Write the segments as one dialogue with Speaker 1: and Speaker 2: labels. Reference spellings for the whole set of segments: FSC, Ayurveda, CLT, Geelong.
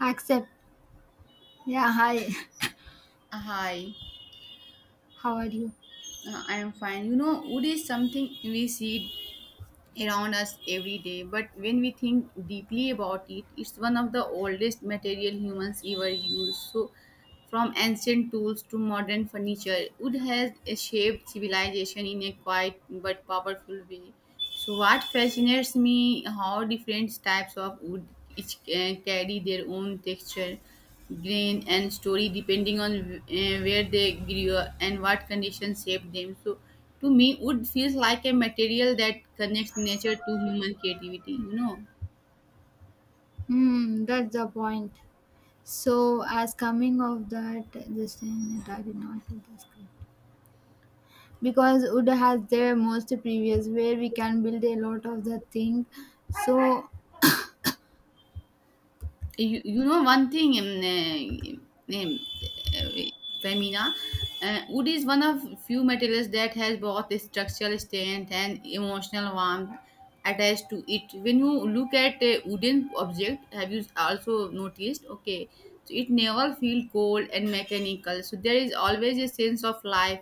Speaker 1: Accept. Yeah, hi.
Speaker 2: Hi,
Speaker 1: How are you?
Speaker 2: I am fine. You know, wood is something we see around us every day, but when we think deeply about it, it's one of the oldest material humans ever used. So, from ancient tools to modern furniture, wood has shaped civilization in a quiet but powerful way. So what fascinates me how different types of wood each carry their own texture, grain, and story depending on where they grew up and what conditions shaped them. So to me, wood feels like a material that connects nature to human creativity. You know.
Speaker 1: Hmm, that's the point. So, as coming of that, this thing, I did not do the script. Because wood has their most previous where we can build a lot of the thing. So,
Speaker 2: You know one thing, uh, um, uh, Femina, wood is one of few materials that has both structural strength and emotional warmth attached to it. When you look at a wooden object, have you also noticed? Okay, so it never feel cold and mechanical, so there is always a sense of life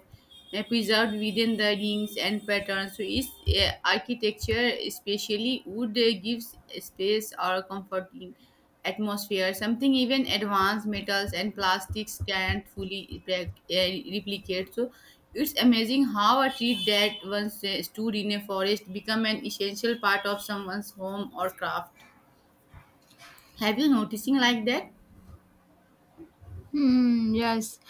Speaker 2: preserved within the rings and patterns. So, its uh, architecture, especially wood, gives space or comforting atmosphere. Something even advanced metals and plastics can't fully repli- uh, replicate. So, it's amazing how a tree that once stood in a forest become an essential part of someone's home or craft. Have you noticing like that?
Speaker 1: Hmm, yes.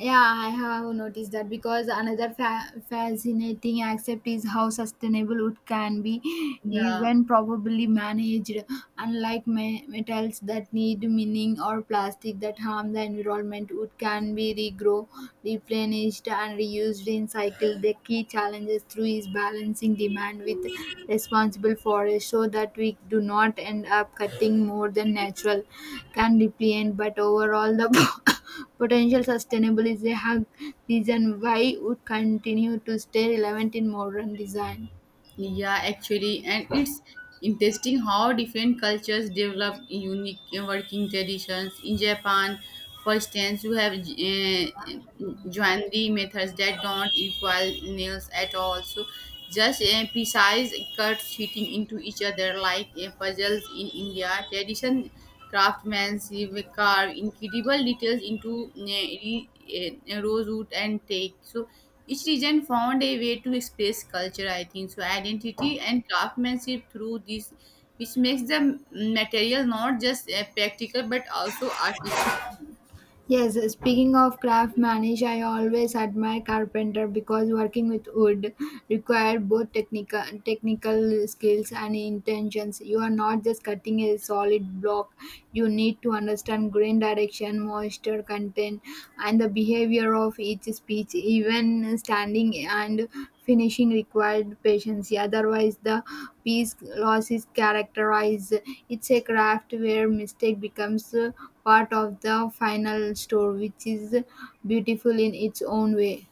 Speaker 1: Yeah, I have noticed that because another fascinating aspect is how sustainable it can be,
Speaker 2: Yeah.
Speaker 1: even probably managed, unlike metals that need mining or plastic that harm the environment. It can be regrow, replenished, and reused in cycle. The key challenges through is balancing demand with responsible forest so that we do not end up cutting more than natural can deplete. But overall, the potential sustainable is a hug reason why would continue to stay relevant in modern design.
Speaker 2: Yeah, actually, and it's interesting how different cultures develop unique working traditions. In Japan, for instance, you have joinery methods that don't equal nails at all. So, just precise cuts fitting into each other like puzzles in India. Tradition craftsmanship carve incredible details into rosewood and teak. So, each region found a way to express culture, I think, so identity and craftsmanship through this, which makes the material not just practical but also artistic.
Speaker 1: Yes, speaking of craft manage, I always admire carpenter because working with wood require both technical skills and intentions. You are not just cutting a solid block. You need to understand grain direction, moisture content, and the behavior of each speech. Even standing and finishing required patience. Otherwise, the piece loses characterized. It's a craft where mistake becomes, part of the final store, which is beautiful in its own way.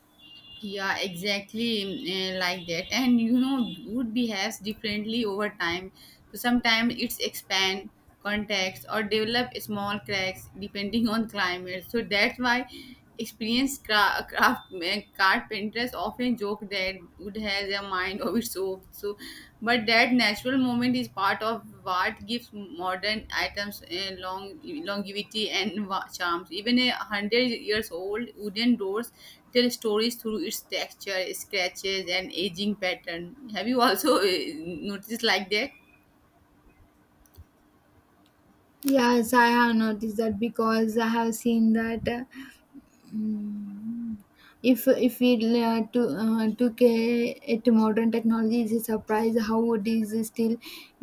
Speaker 2: Yeah, exactly, eh, like that. And you know, wood behaves differently over time. So sometimes it's expand contacts or develop small cracks depending on climate. So that's why experienced carpenters often joke that wood has a mind of its own. So, but that natural moment is part of what gives modern items, eh, longevity and charms. Even a hundred years old wooden doors tell stories through its texture, scratches, and aging pattern. Have you also noticed like that?
Speaker 1: Yes, I have noticed that because I have seen that. Mm. If we to took a, it modern technology, it's a surprise how it is still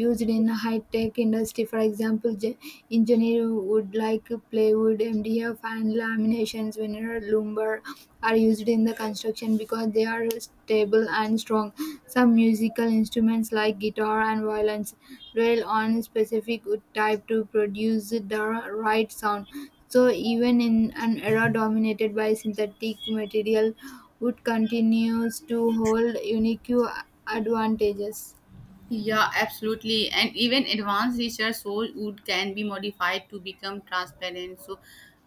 Speaker 1: used in high tech industry. For example, engineer would like plywood, MDF, and laminations, veneer, lumber are used in the construction because they are stable and strong. Some musical instruments like guitar and violins rely on specific wood type to produce the right sound so even in an era dominated by synthetic material, wood continues to hold unique advantages.
Speaker 2: Yeah, absolutely. And even advanced research shows wood can be modified to become transparent, so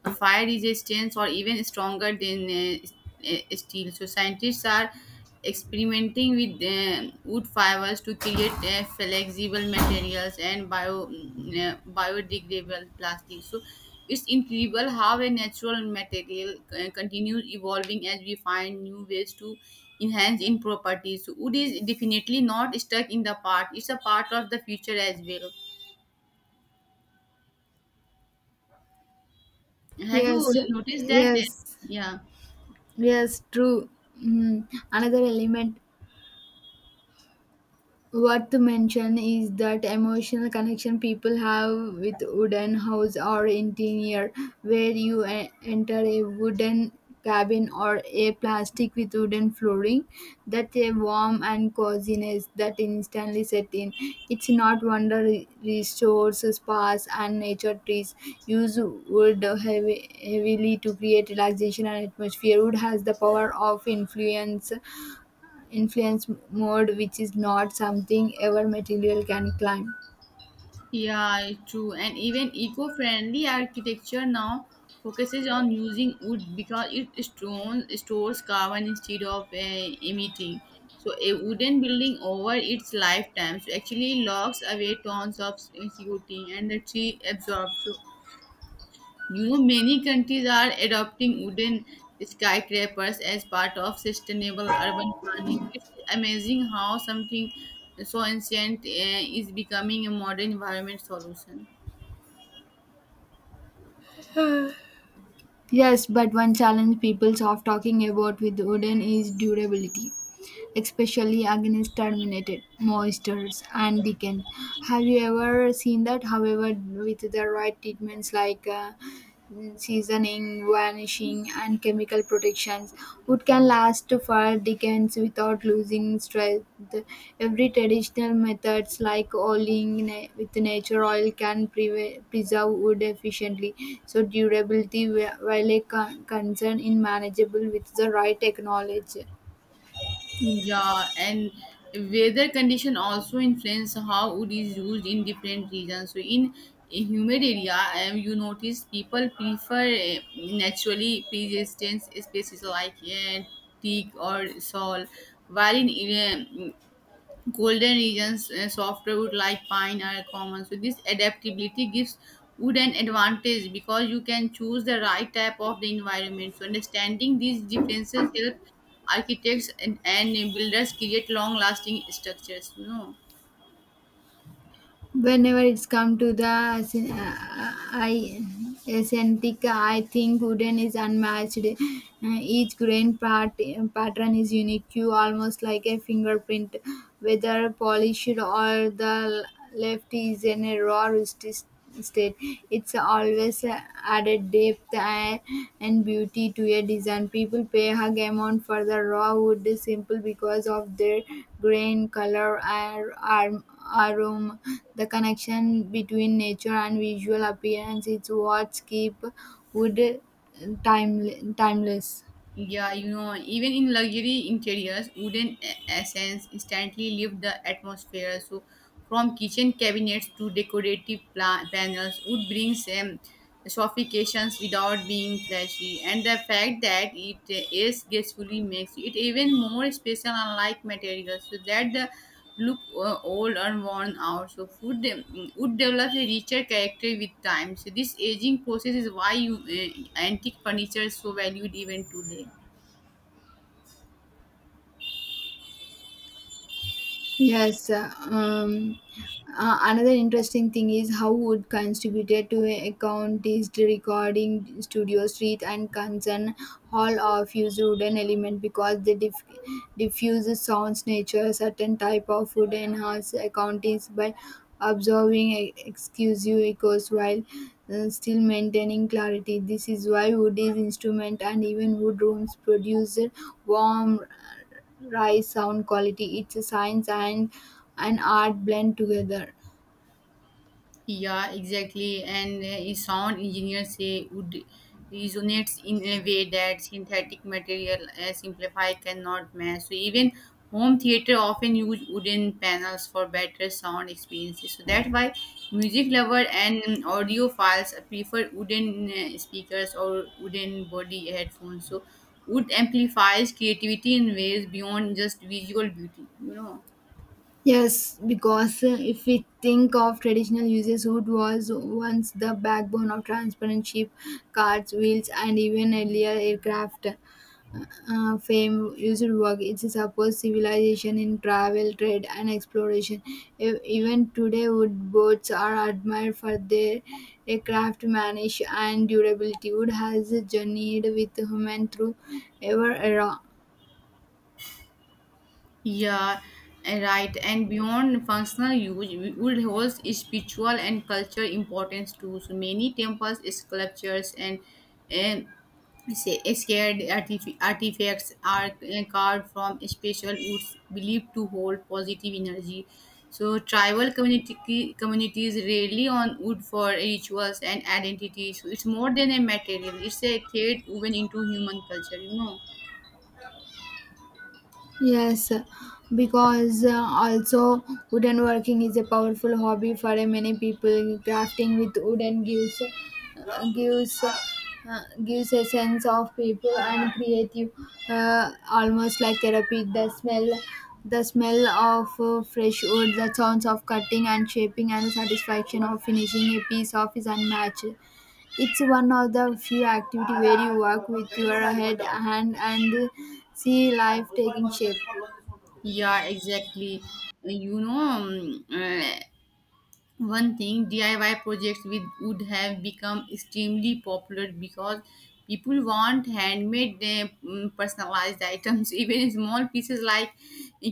Speaker 2: fire resistance or even stronger than steel. So scientists are experimenting with wood fibers to create flexible materials and biodegradable plastics. So it's incredible how a natural material continues evolving as we find new ways to enhance in properties. Wood is definitely not stuck in the past; it's a part of the future as well. Have you
Speaker 1: Yes,
Speaker 2: noticed that?
Speaker 1: yes,
Speaker 2: Yeah.
Speaker 1: yes, true. Mm. Another element worth to mention is that emotional connection people have with wooden house or interior, where you enter a wooden cabin or a plastic with wooden flooring, that a warm and coziness that instantly set in. It's not wonder restores spas and nature trees use wood heavily to create relaxation and atmosphere. Wood has the power of influence mode which is not something ever material can climb.
Speaker 2: Yeah, it's true. And even eco-friendly architecture now focuses on using wood because it stores carbon instead of emitting. So a wooden building over its lifetime so actually locks away tons of CO2 and the tree absorbs. So you know many countries are adopting wooden skyscrapers as part of sustainable urban planning. It's amazing how something so ancient is becoming a modern environment solution.
Speaker 1: Yes, but one challenge people soft talking about with wooden is durability especially against terminated monsters and decay. Have you ever seen that? However, with the right treatments like seasoning, varnishing, and chemical protections, wood can last for decades without losing strength. Every traditional methods like oiling with nature oil can preserve wood efficiently. So durability, while a concern, in manageable with the right technology.
Speaker 2: Yeah, and weather condition also influence how wood is used in different regions. So in a humid area, you notice people prefer naturally persistent species like teak or salt, while in Golden regions, softer wood like pine are common. So this adaptability gives wood an advantage because you can choose the right type of the environment. So understanding these differences help architects and builders create long-lasting structures. You know.
Speaker 1: Whenever it's come to the aesthetic, I think wooden is unmatched. Each grain part, pattern is unique, you almost like a fingerprint, whether polished or the left is in a raw rustic state. It's always added depth and beauty to a design. People pay a hug amount for the raw wood simple because of their grain, color, aroma. The connection between nature and visual appearance is what keep wood timeless.
Speaker 2: Yeah, you know, even in luxury interiors, wooden essence instantly lift the atmosphere. So, from kitchen cabinets to decorative panels, wood brings, sophistications without being flashy. And the fact that it is gracefully makes it even more special, unlike materials. So that the look old or worn out. So wood develops a richer character with time. So this aging process is why antique furniture is so valued even today.
Speaker 1: Yes, another interesting thing is how wood contributed to account is the recording studio street and concern hall of use wooden element because they diffuse sounds nature certain type of wood enhance account is by observing exclusive echoes while still maintaining clarity. This is why wood is instrument and even wood rooms produce warm rise sound quality it's a science and an art blend together.
Speaker 2: Yeah, exactly. And sound engineers say would resonates in a way that synthetic material simplify cannot match. So even home theater often use wooden panels for better sound experiences. So that's why music lover and, audiophiles prefer wooden speakers or wooden body headphones. So wood amplifies creativity in ways beyond just visual beauty. You know.
Speaker 1: Yes, because if we think of traditional uses wood was once the backbone of transparent ship carts wheels and even earlier aircraft fame, used work. It supports civilization in travel, trade, and exploration. Even today, wood boats are admired for their craftsmanship and durability. Wood has journeyed with human through ever era.
Speaker 2: Yeah, eh, right. And beyond functional use, wood holds spiritual and cultural importance too. So many temples, sculptures, and say scared artifacts are, eh, carved from special woods believed to hold positive energy. So tribal community communities rely on wood for rituals and identity. So it's more than a material; it's a thread woven into human culture. You know.
Speaker 1: Yes, because also wooden working is a powerful hobby for many people. Crafting with wooden gives a sense of people and creative, almost like therapy. The smell of fresh wood, the sounds of cutting and shaping, and the satisfaction of finishing a piece off is unmatched. It's one of the few activity where you work with your head hand and see life taking shape.
Speaker 2: Yeah, exactly. You know, one thing, DIY projects with would have become extremely popular because people want handmade, personalized items, even small pieces like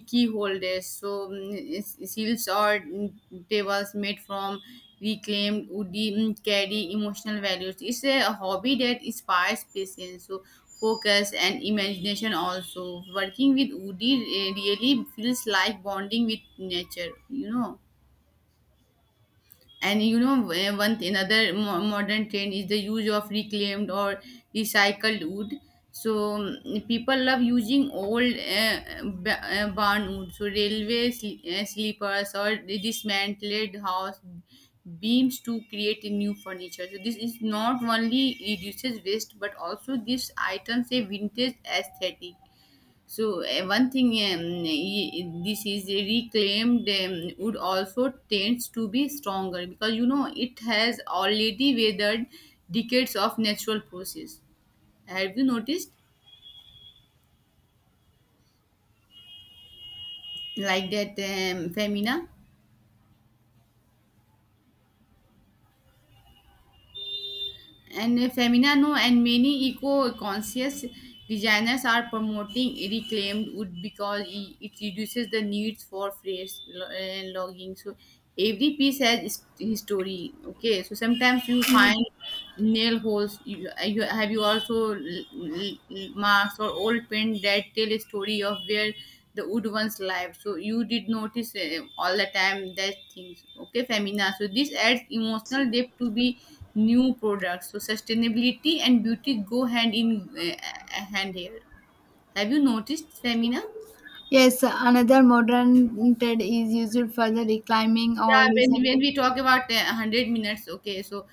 Speaker 2: key holders, so seals or tables made from reclaimed wood carry emotional values. It's a hobby that inspires patience, so focus and imagination. Also, working with woody really feels like bonding with nature. You know. And you know, one thing, another modern trend is the use of reclaimed or recycled wood. So, people love using old barn wood. So railway sleepers or dismantled house beams to create a new furniture. So this is not only reduces waste but also gives items a vintage aesthetic. So one thing, this is a reclaimed, wood also tends to be stronger because you know it has already weathered decades of natural process. Have you noticed like that, Femina? And Feminano and many eco-conscious designers are promoting reclaimed wood because it reduces the needs for fresh logging. So every piece has his story. Okay, so sometimes you find nail holes. You also marks or old paint that tell a story of where the wood one's life, so you did notice all the time that things. Okay, Femina, so this adds emotional depth to be new products, so sustainability and beauty go hand in uh, hand here. Have you noticed, Femina?
Speaker 1: Yes, another modern TED is used for the reclimbing or
Speaker 2: Yeah, when
Speaker 1: recycling.
Speaker 2: we talk about 100 minutes. Okay, so,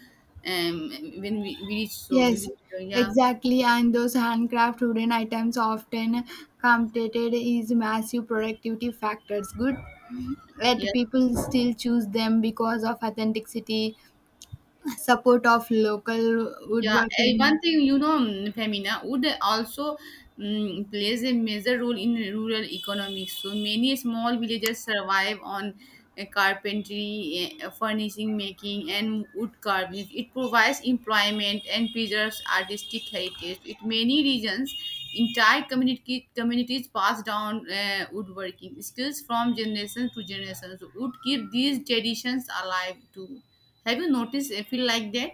Speaker 2: um when we reach, so we
Speaker 1: Yes,
Speaker 2: will. Yeah.
Speaker 1: exactly. And those handcraft wooden items often competed is massive productivity factors. Good, yet
Speaker 2: Yes.
Speaker 1: people still choose them because of authenticity, support of local
Speaker 2: Yeah, eh, one
Speaker 1: woodworking.
Speaker 2: thing, you know, Femina, wood also plays a major role in rural economics. So many small villages survive on, eh, carpentry, eh, furnishing making, and wood carving. It provides employment and preserves artistic heritage. In many regions, entire communities pass down woodworking skills from generation to generation. So wood keep these traditions alive too. Have you noticed? I feel like that.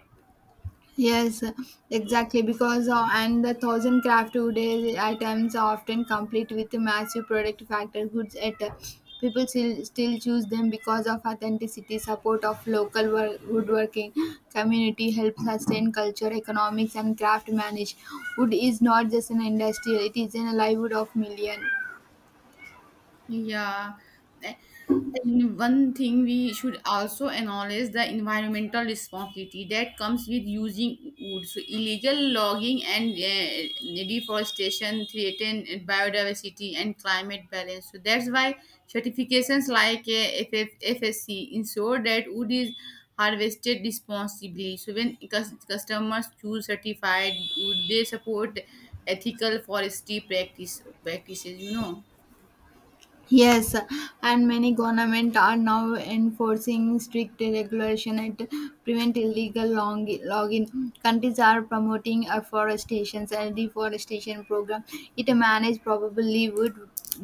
Speaker 1: Yes, exactly. Because and the thousand craft today items are often complete with a massive product factor goods at people still choose them because of authenticity, support of local work, woodworking community, helps sustain culture, economics, and craft manage. Wood is not just an industry; it is a livelihood of million.
Speaker 2: Yeah. And one thing, we should also acknowledge the environmental responsibility that comes with using wood. So illegal logging and deforestation threaten biodiversity and climate balance. So that's why certifications like FSC ensure that wood is harvested responsibly. So when customers choose certified wood, they support ethical forestry practices. You know.
Speaker 1: Yes, and many government are now enforcing strict regulation and prevent illegal logging. Countries are promoting afforestation and deforestation program. It managed probably would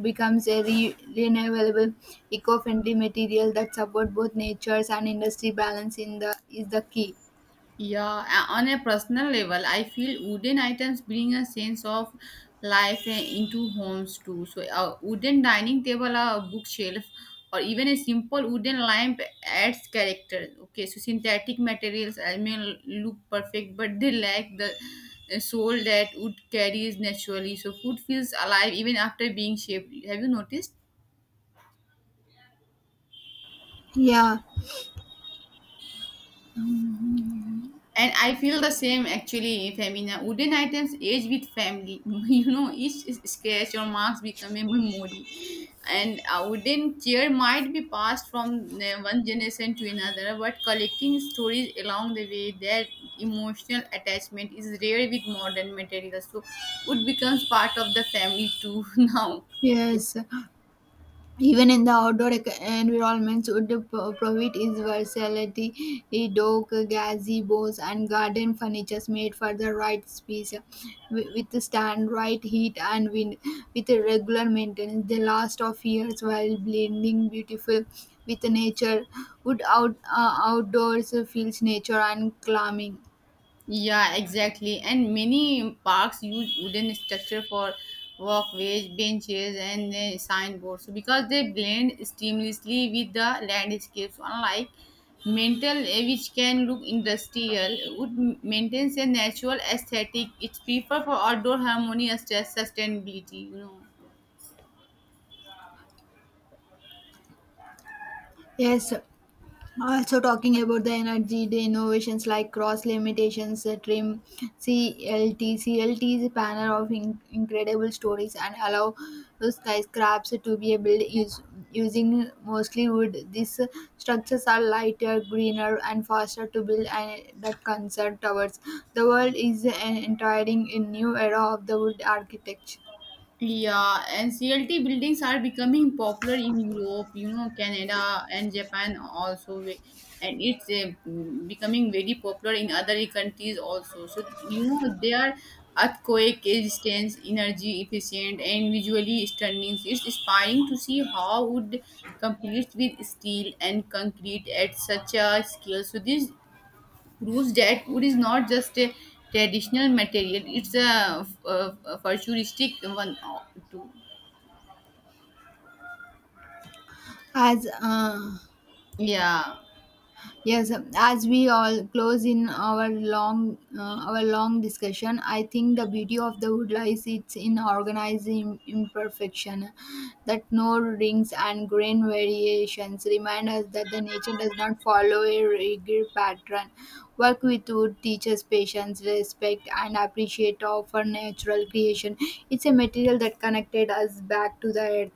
Speaker 1: becomes a renewable eco-friendly material that support both nature's and industry balance in the is the key.
Speaker 2: Yeah, on a personal level, I feel wooden items bring a sense of life, eh, into homes too. So, a wooden dining table, a bookshelf, or even a simple wooden lamp adds character. Okay, so synthetic materials, I mean, look perfect, but they lack the, eh, soul that wood carries naturally. So, food feels alive even after being shaped. Have you noticed?
Speaker 1: Yeah.
Speaker 2: And I feel the same actually, Femina. Wooden items age with family. You know, each scratch or marks become a memory. And a wooden chair might be passed from one generation to another, but collecting stories along the way, their emotional attachment is rare with modern materials. So, wood becomes part of the family too now.
Speaker 1: Yes. Even in the outdoor environments, wood provide is versatility, a dock, gazebos, and garden furniture made for the right space, withstand right heat and wind. With a regular maintenance, they last of years while blending beautiful with nature. Wood outdoors feels nature and calming.
Speaker 2: Yeah, exactly. And many parks use wooden structure for walkways, benches, and signboards. So because they blend seamlessly with the landscapes, unlike metal, which can look industrial, wood maintains a natural aesthetic. It's preferred for outdoor harmonious sustainability. You know.
Speaker 1: Yes, also, talking about the energy, the innovations like cross limitations, trim, CLT CLT is a panel of incredible stories and allow those skyscrapers to be built using mostly wood. These structures are lighter, greener, and faster to build and that concern towers. The world is entering a new era of the wood architecture.
Speaker 2: Yeah, and CLT buildings are becoming popular in Europe, you know, Canada and Japan also, and it's becoming very popular in other countries also. So, you know, they are earthquake resistant, energy efficient, and visually stunning. So it's inspiring to see how wood competes with steel and concrete at such a scale. So, this proves that wood is not just a traditional material; it's a futuristic one too.
Speaker 1: As
Speaker 2: Yeah.
Speaker 1: Yes, as we all close in our long discussion, I think the beauty of the wood lies it's in organizing imperfection, that no rings and grain variations remind us that the nature does not follow a rigid pattern. Work with wood teaches patience, respect, and appreciate of our natural creation. It's a material that connected us back to the earth.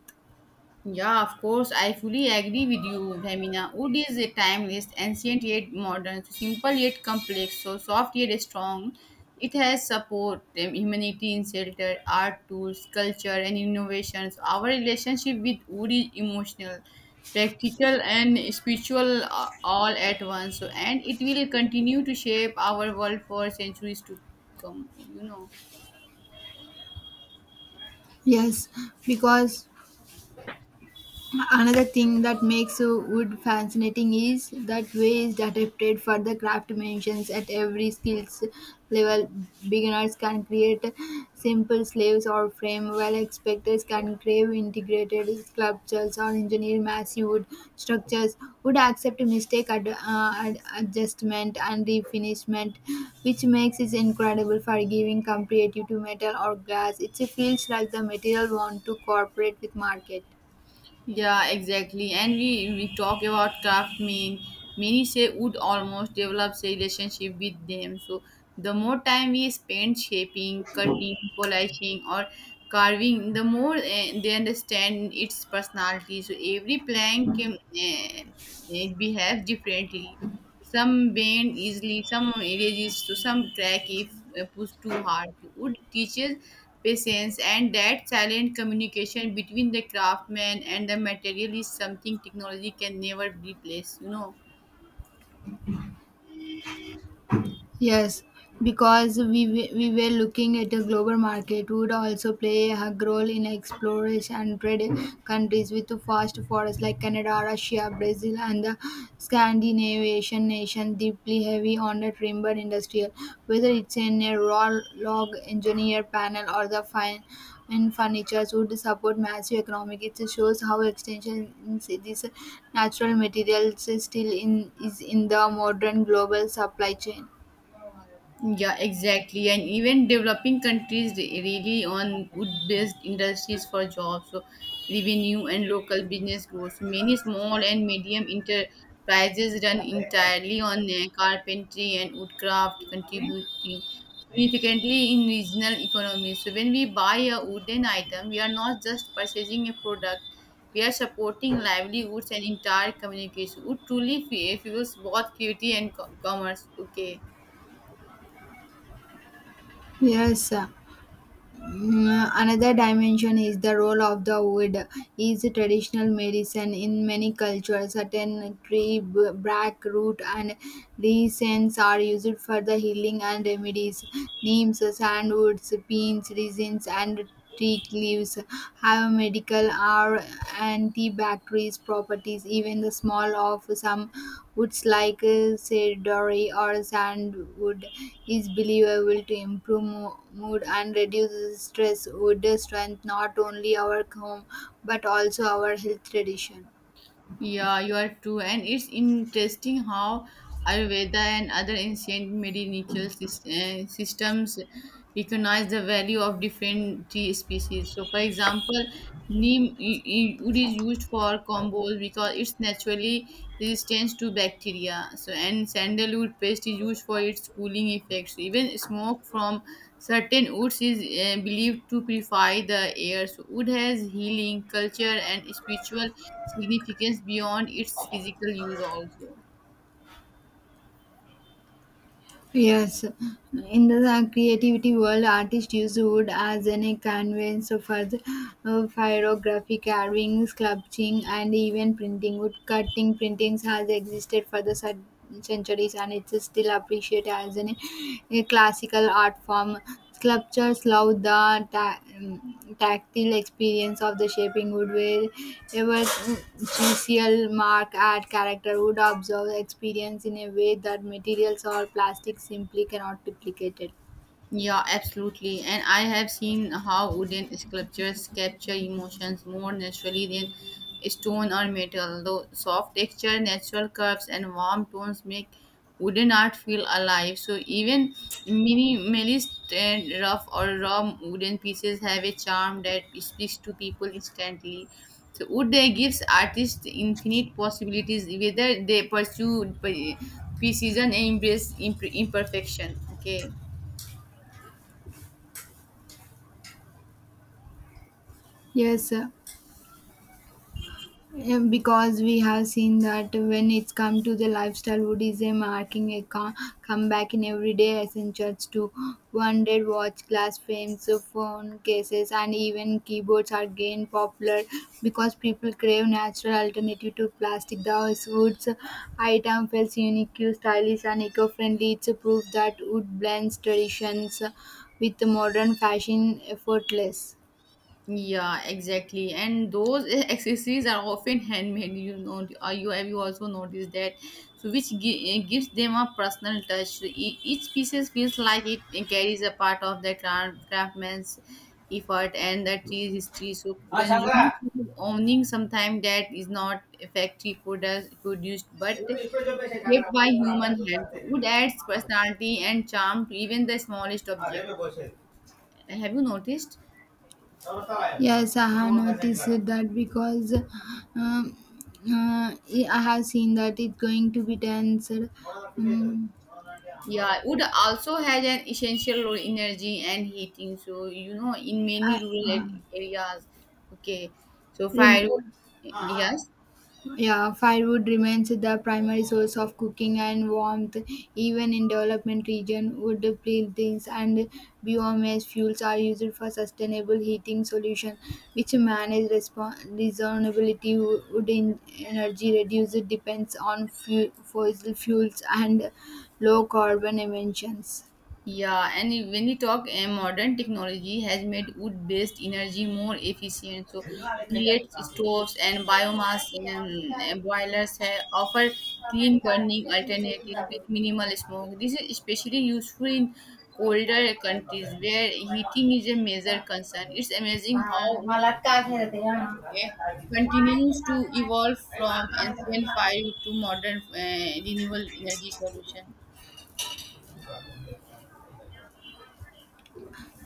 Speaker 2: Yeah, of course, I fully agree with you, Bhamina. Wood is a timeless, ancient yet modern, simple yet complex, so soft yet strong. It has support, humanity in shelter, art tools, culture, and innovations. Our relationship with wood is emotional, practical, and spiritual all at once. So and it will continue to shape our world for centuries to come.
Speaker 1: Yes, because another thing that makes wood fascinating is that way is adapted for the craft mentions at every skills level. Beginners can create simple slaves or frame, while experts can crave integrated sculptures or engineer massive wood structures. Would accept mistake adjustment and refinishment, which makes it incredible for giving comparative to metal or glass. It feels like the material want to cooperate with market.
Speaker 2: Yeah, exactly. And we talk about craft men. Many say would almost develops a relationship with them. So the more time we spend shaping, cutting, polishing, or carving, the more they understand its personality. So every plank it behaves differently. Some bend easily, some erases, so some crack if pushed too hard. Wood teaches patience, and that silent communication between the craftsman and the material is something technology can never replace.
Speaker 1: Yes, because we were looking at a global market would also play a role in exploration and trade countries with fast forests like Canada, Russia, Brazil, and the Scandinavian nation deeply heavy on the timber industry, whether it's in a raw log engineer panel or the fine in furniture would support massive economic. It shows how extension in this natural materials still in is in the modern global supply chain.
Speaker 2: Yeah, exactly. And even developing countries really on wood-based industries for jobs, so revenue and local business growth. So many small and medium enterprises run entirely on carpentry and woodcraft, contributing significantly in regional economies. So when we buy a wooden item, we are not just purchasing a product. We are supporting livelihoods and entire communities. So wood truly fuels both creativity and commerce. Okay.
Speaker 1: Yes, another dimension is the role of the wood. Is traditional medicine in many cultures, certain tree bark root and resins are used for the healing and remedies. Neems, sandwoods, pines, resins, and teak leaves have medical or antibacterial properties. Even the small of some woods like cedar or sandwood is believable to improve mood and reduce stress. Wood strength not only our home but also our health tradition.
Speaker 2: Yeah, you are true. And it's interesting how Ayurveda and other ancient medicinal systems recognize the value of different tree species. So, for example, neem wood is used for combos because it's naturally resistant to bacteria. So and sandalwood paste is used for its cooling effects. Even smoke from certain woods is believed to purify the air. So wood has healing, culture, and spiritual significance beyond its physical use also.
Speaker 1: Yes, in the creativity world, artists use wood as an a canvas for the pyrography, carving, sculpting, and even printing. Wood cutting printings has existed for the centuries, and it's still appreciated as an, a classical art form. Sculptures love the tactile experience of the shaping wood, where ever chisel mark at character would observe the experience in a way that materials or plastic simply cannot duplicate it.
Speaker 2: Yeah, absolutely. And I have seen how wooden sculptures capture emotions more naturally than stone or metal. The soft texture, natural curves, and warm tones make wooden art feel alive. So even minimalist and rough or raw wooden pieces have a charm that speaks to people instantly. So wood gives artists infinite possibilities, whether they pursue precision and embrace imperfection. Okay.
Speaker 1: Yes, sir. Yeah, because we have seen that when it's come to the lifestyle wood is a marking a comeback in everyday essentials to wanted watch glass frames phone cases and even keyboards are gained popular because people crave natural alternative to plastic the wood's item feels unique stylish and eco-friendly it's a proof that wood blends traditions with modern fashion effortless.
Speaker 2: Yeah, exactly. And those accessories are often handmade. You know, you have you also noticed that, so which gives them a personal touch. So each piece feels like it carries a part of the craftsman's effort and the tree's history. So consumers feel owning sometimes that is not factory product produced, but shaped by human hand. Wood adds personality and charm to even the smallest object. Have you noticed?
Speaker 1: Yes, I have noticed that because um, uh, I have seen that it's going to be tense.
Speaker 2: Yeah, wood also has an essential role in energy and heating. So you know, in many
Speaker 1: I,
Speaker 2: rural areas, okay. So
Speaker 1: rem-
Speaker 2: firewood, yes,
Speaker 1: Yeah, firewood remains the primary source of cooking and warmth. Even in development region, wood buildings and biomass fuels are used for sustainable heating solution, which manage reasonability. Wood energy reduced depends on fossil fuels and low carbon emissions.
Speaker 2: yeah. And when we talk, modern technology has made wood-based energy more efficient. So pellets, stoves, and biomass um, boilers have offer clean burning alternatives with minimal smoke. This is especially useful in colder countries where heating is a major concern. It's amazing how continues to evolve from ancient fire to modern renewable energy solution.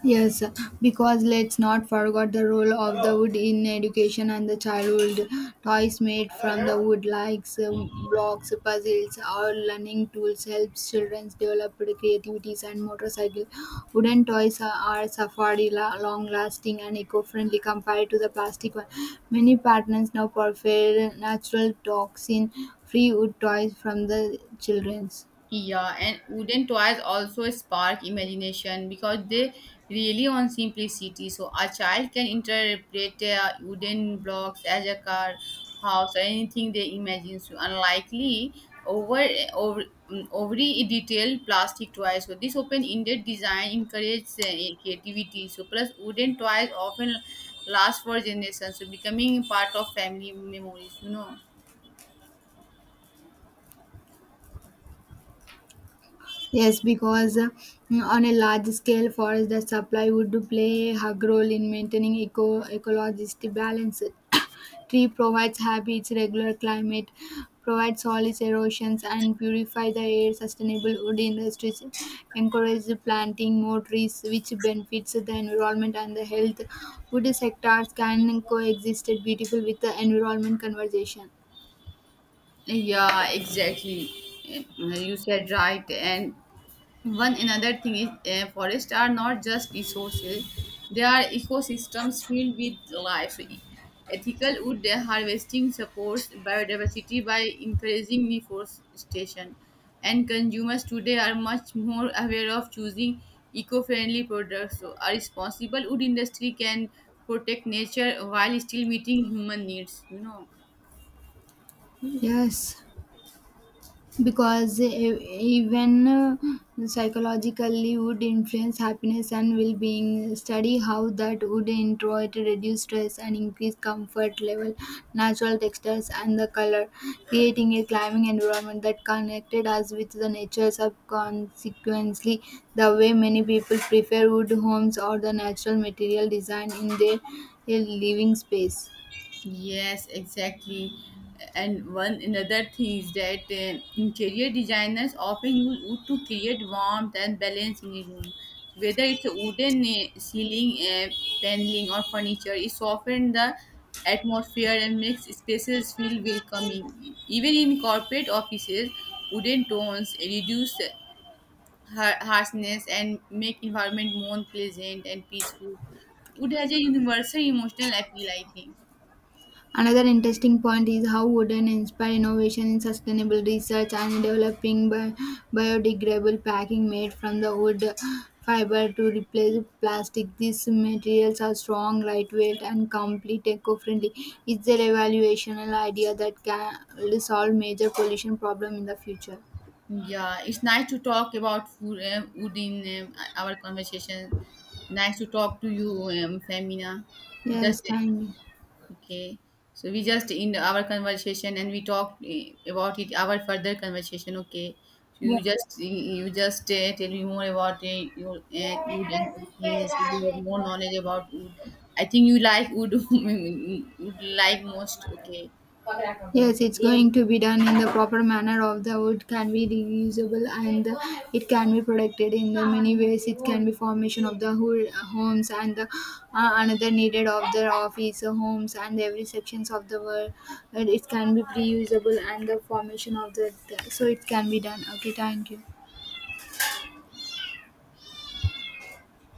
Speaker 1: Yes, because let's not forget the role of the wood in education and the childhood. Toys made from the wood, like blocks, puzzles, or learning tools, helps children develop creativities and motorcycle. Wooden toys are safari long-lasting and eco-friendly compared to the plastic one. Many partners now prefer natural toxin-free wood toys from the children's.
Speaker 2: Yeah, and wooden toys also spark imagination because they really on simplicity. So a child can interpret wooden blocks as a car, house, or anything they imagine. So unlikely over over overly detailed plastic toys. So this open-ended design encourages creativity. So plus wooden toys often last for generations, so becoming part of family memories.
Speaker 1: Yes, because on a large scale, forest that supply would play a hug role in maintaining ecologist balance. Tree provides habits, regular climate, provides solids erosions, and purify the air. Sustainable wood industries encourage the planting more trees, which benefits the environment and the health. Wood sectors can coexist beautiful with the environment conversation.
Speaker 2: Yeah, exactly. You said right. And one another thing is forests are not just resources, they are ecosystems filled with life. Ethical wood harvesting supports biodiversity by encouraging reforestation, and consumers today are much more aware of choosing eco friendly products. So a responsible wood industry can protect nature while still meeting human needs, you know.
Speaker 1: Yes. Because even psychologically would influence happiness and well-being study how that would introvert reduce stress and increase comfort level natural textures and the color creating a climbing environment that connected us with the nature subconsequently the way many people prefer wood homes or the natural material design in their living space.
Speaker 2: Yes, exactly. And one another thing is that interior designers often use wood to create warmth and balance in a room. Whether it's a wooden ceiling, paneling, or furniture, it softens the atmosphere and makes spaces feel welcoming. Even in corporate offices, wooden tones reduce harshness and make environment more pleasant and peaceful. Wood has a universal emotional appeal, I think.
Speaker 1: Another interesting point is how wooden inspire innovation in sustainable research and developing biodegradable packing made from the wood fiber to replace plastic. These materials are strong, lightweight, and complete eco-friendly. It's a revolutionary idea that can solve major pollution problem in the future.
Speaker 2: Yeah, it's nice to talk about food in our conversation. Nice to talk to you, Femina. Just
Speaker 1: Yes, thank you.
Speaker 2: okay. So we just in our conversation and we talk about it. Our further conversation, okay. So
Speaker 1: Yeah.
Speaker 2: you just tell me more about your wood and everything. So you have more knowledge about wood. I think you like wood wood like most. Okay.
Speaker 1: Yes, it's going to be done in the proper manner of the wood can be reusable and the, it can be protected in the many ways. It can be formation of the whole homes and the, another needed of the office homes and every sections of the world. And it can be reusable and the formation of the so it can be done. Okay, thank you.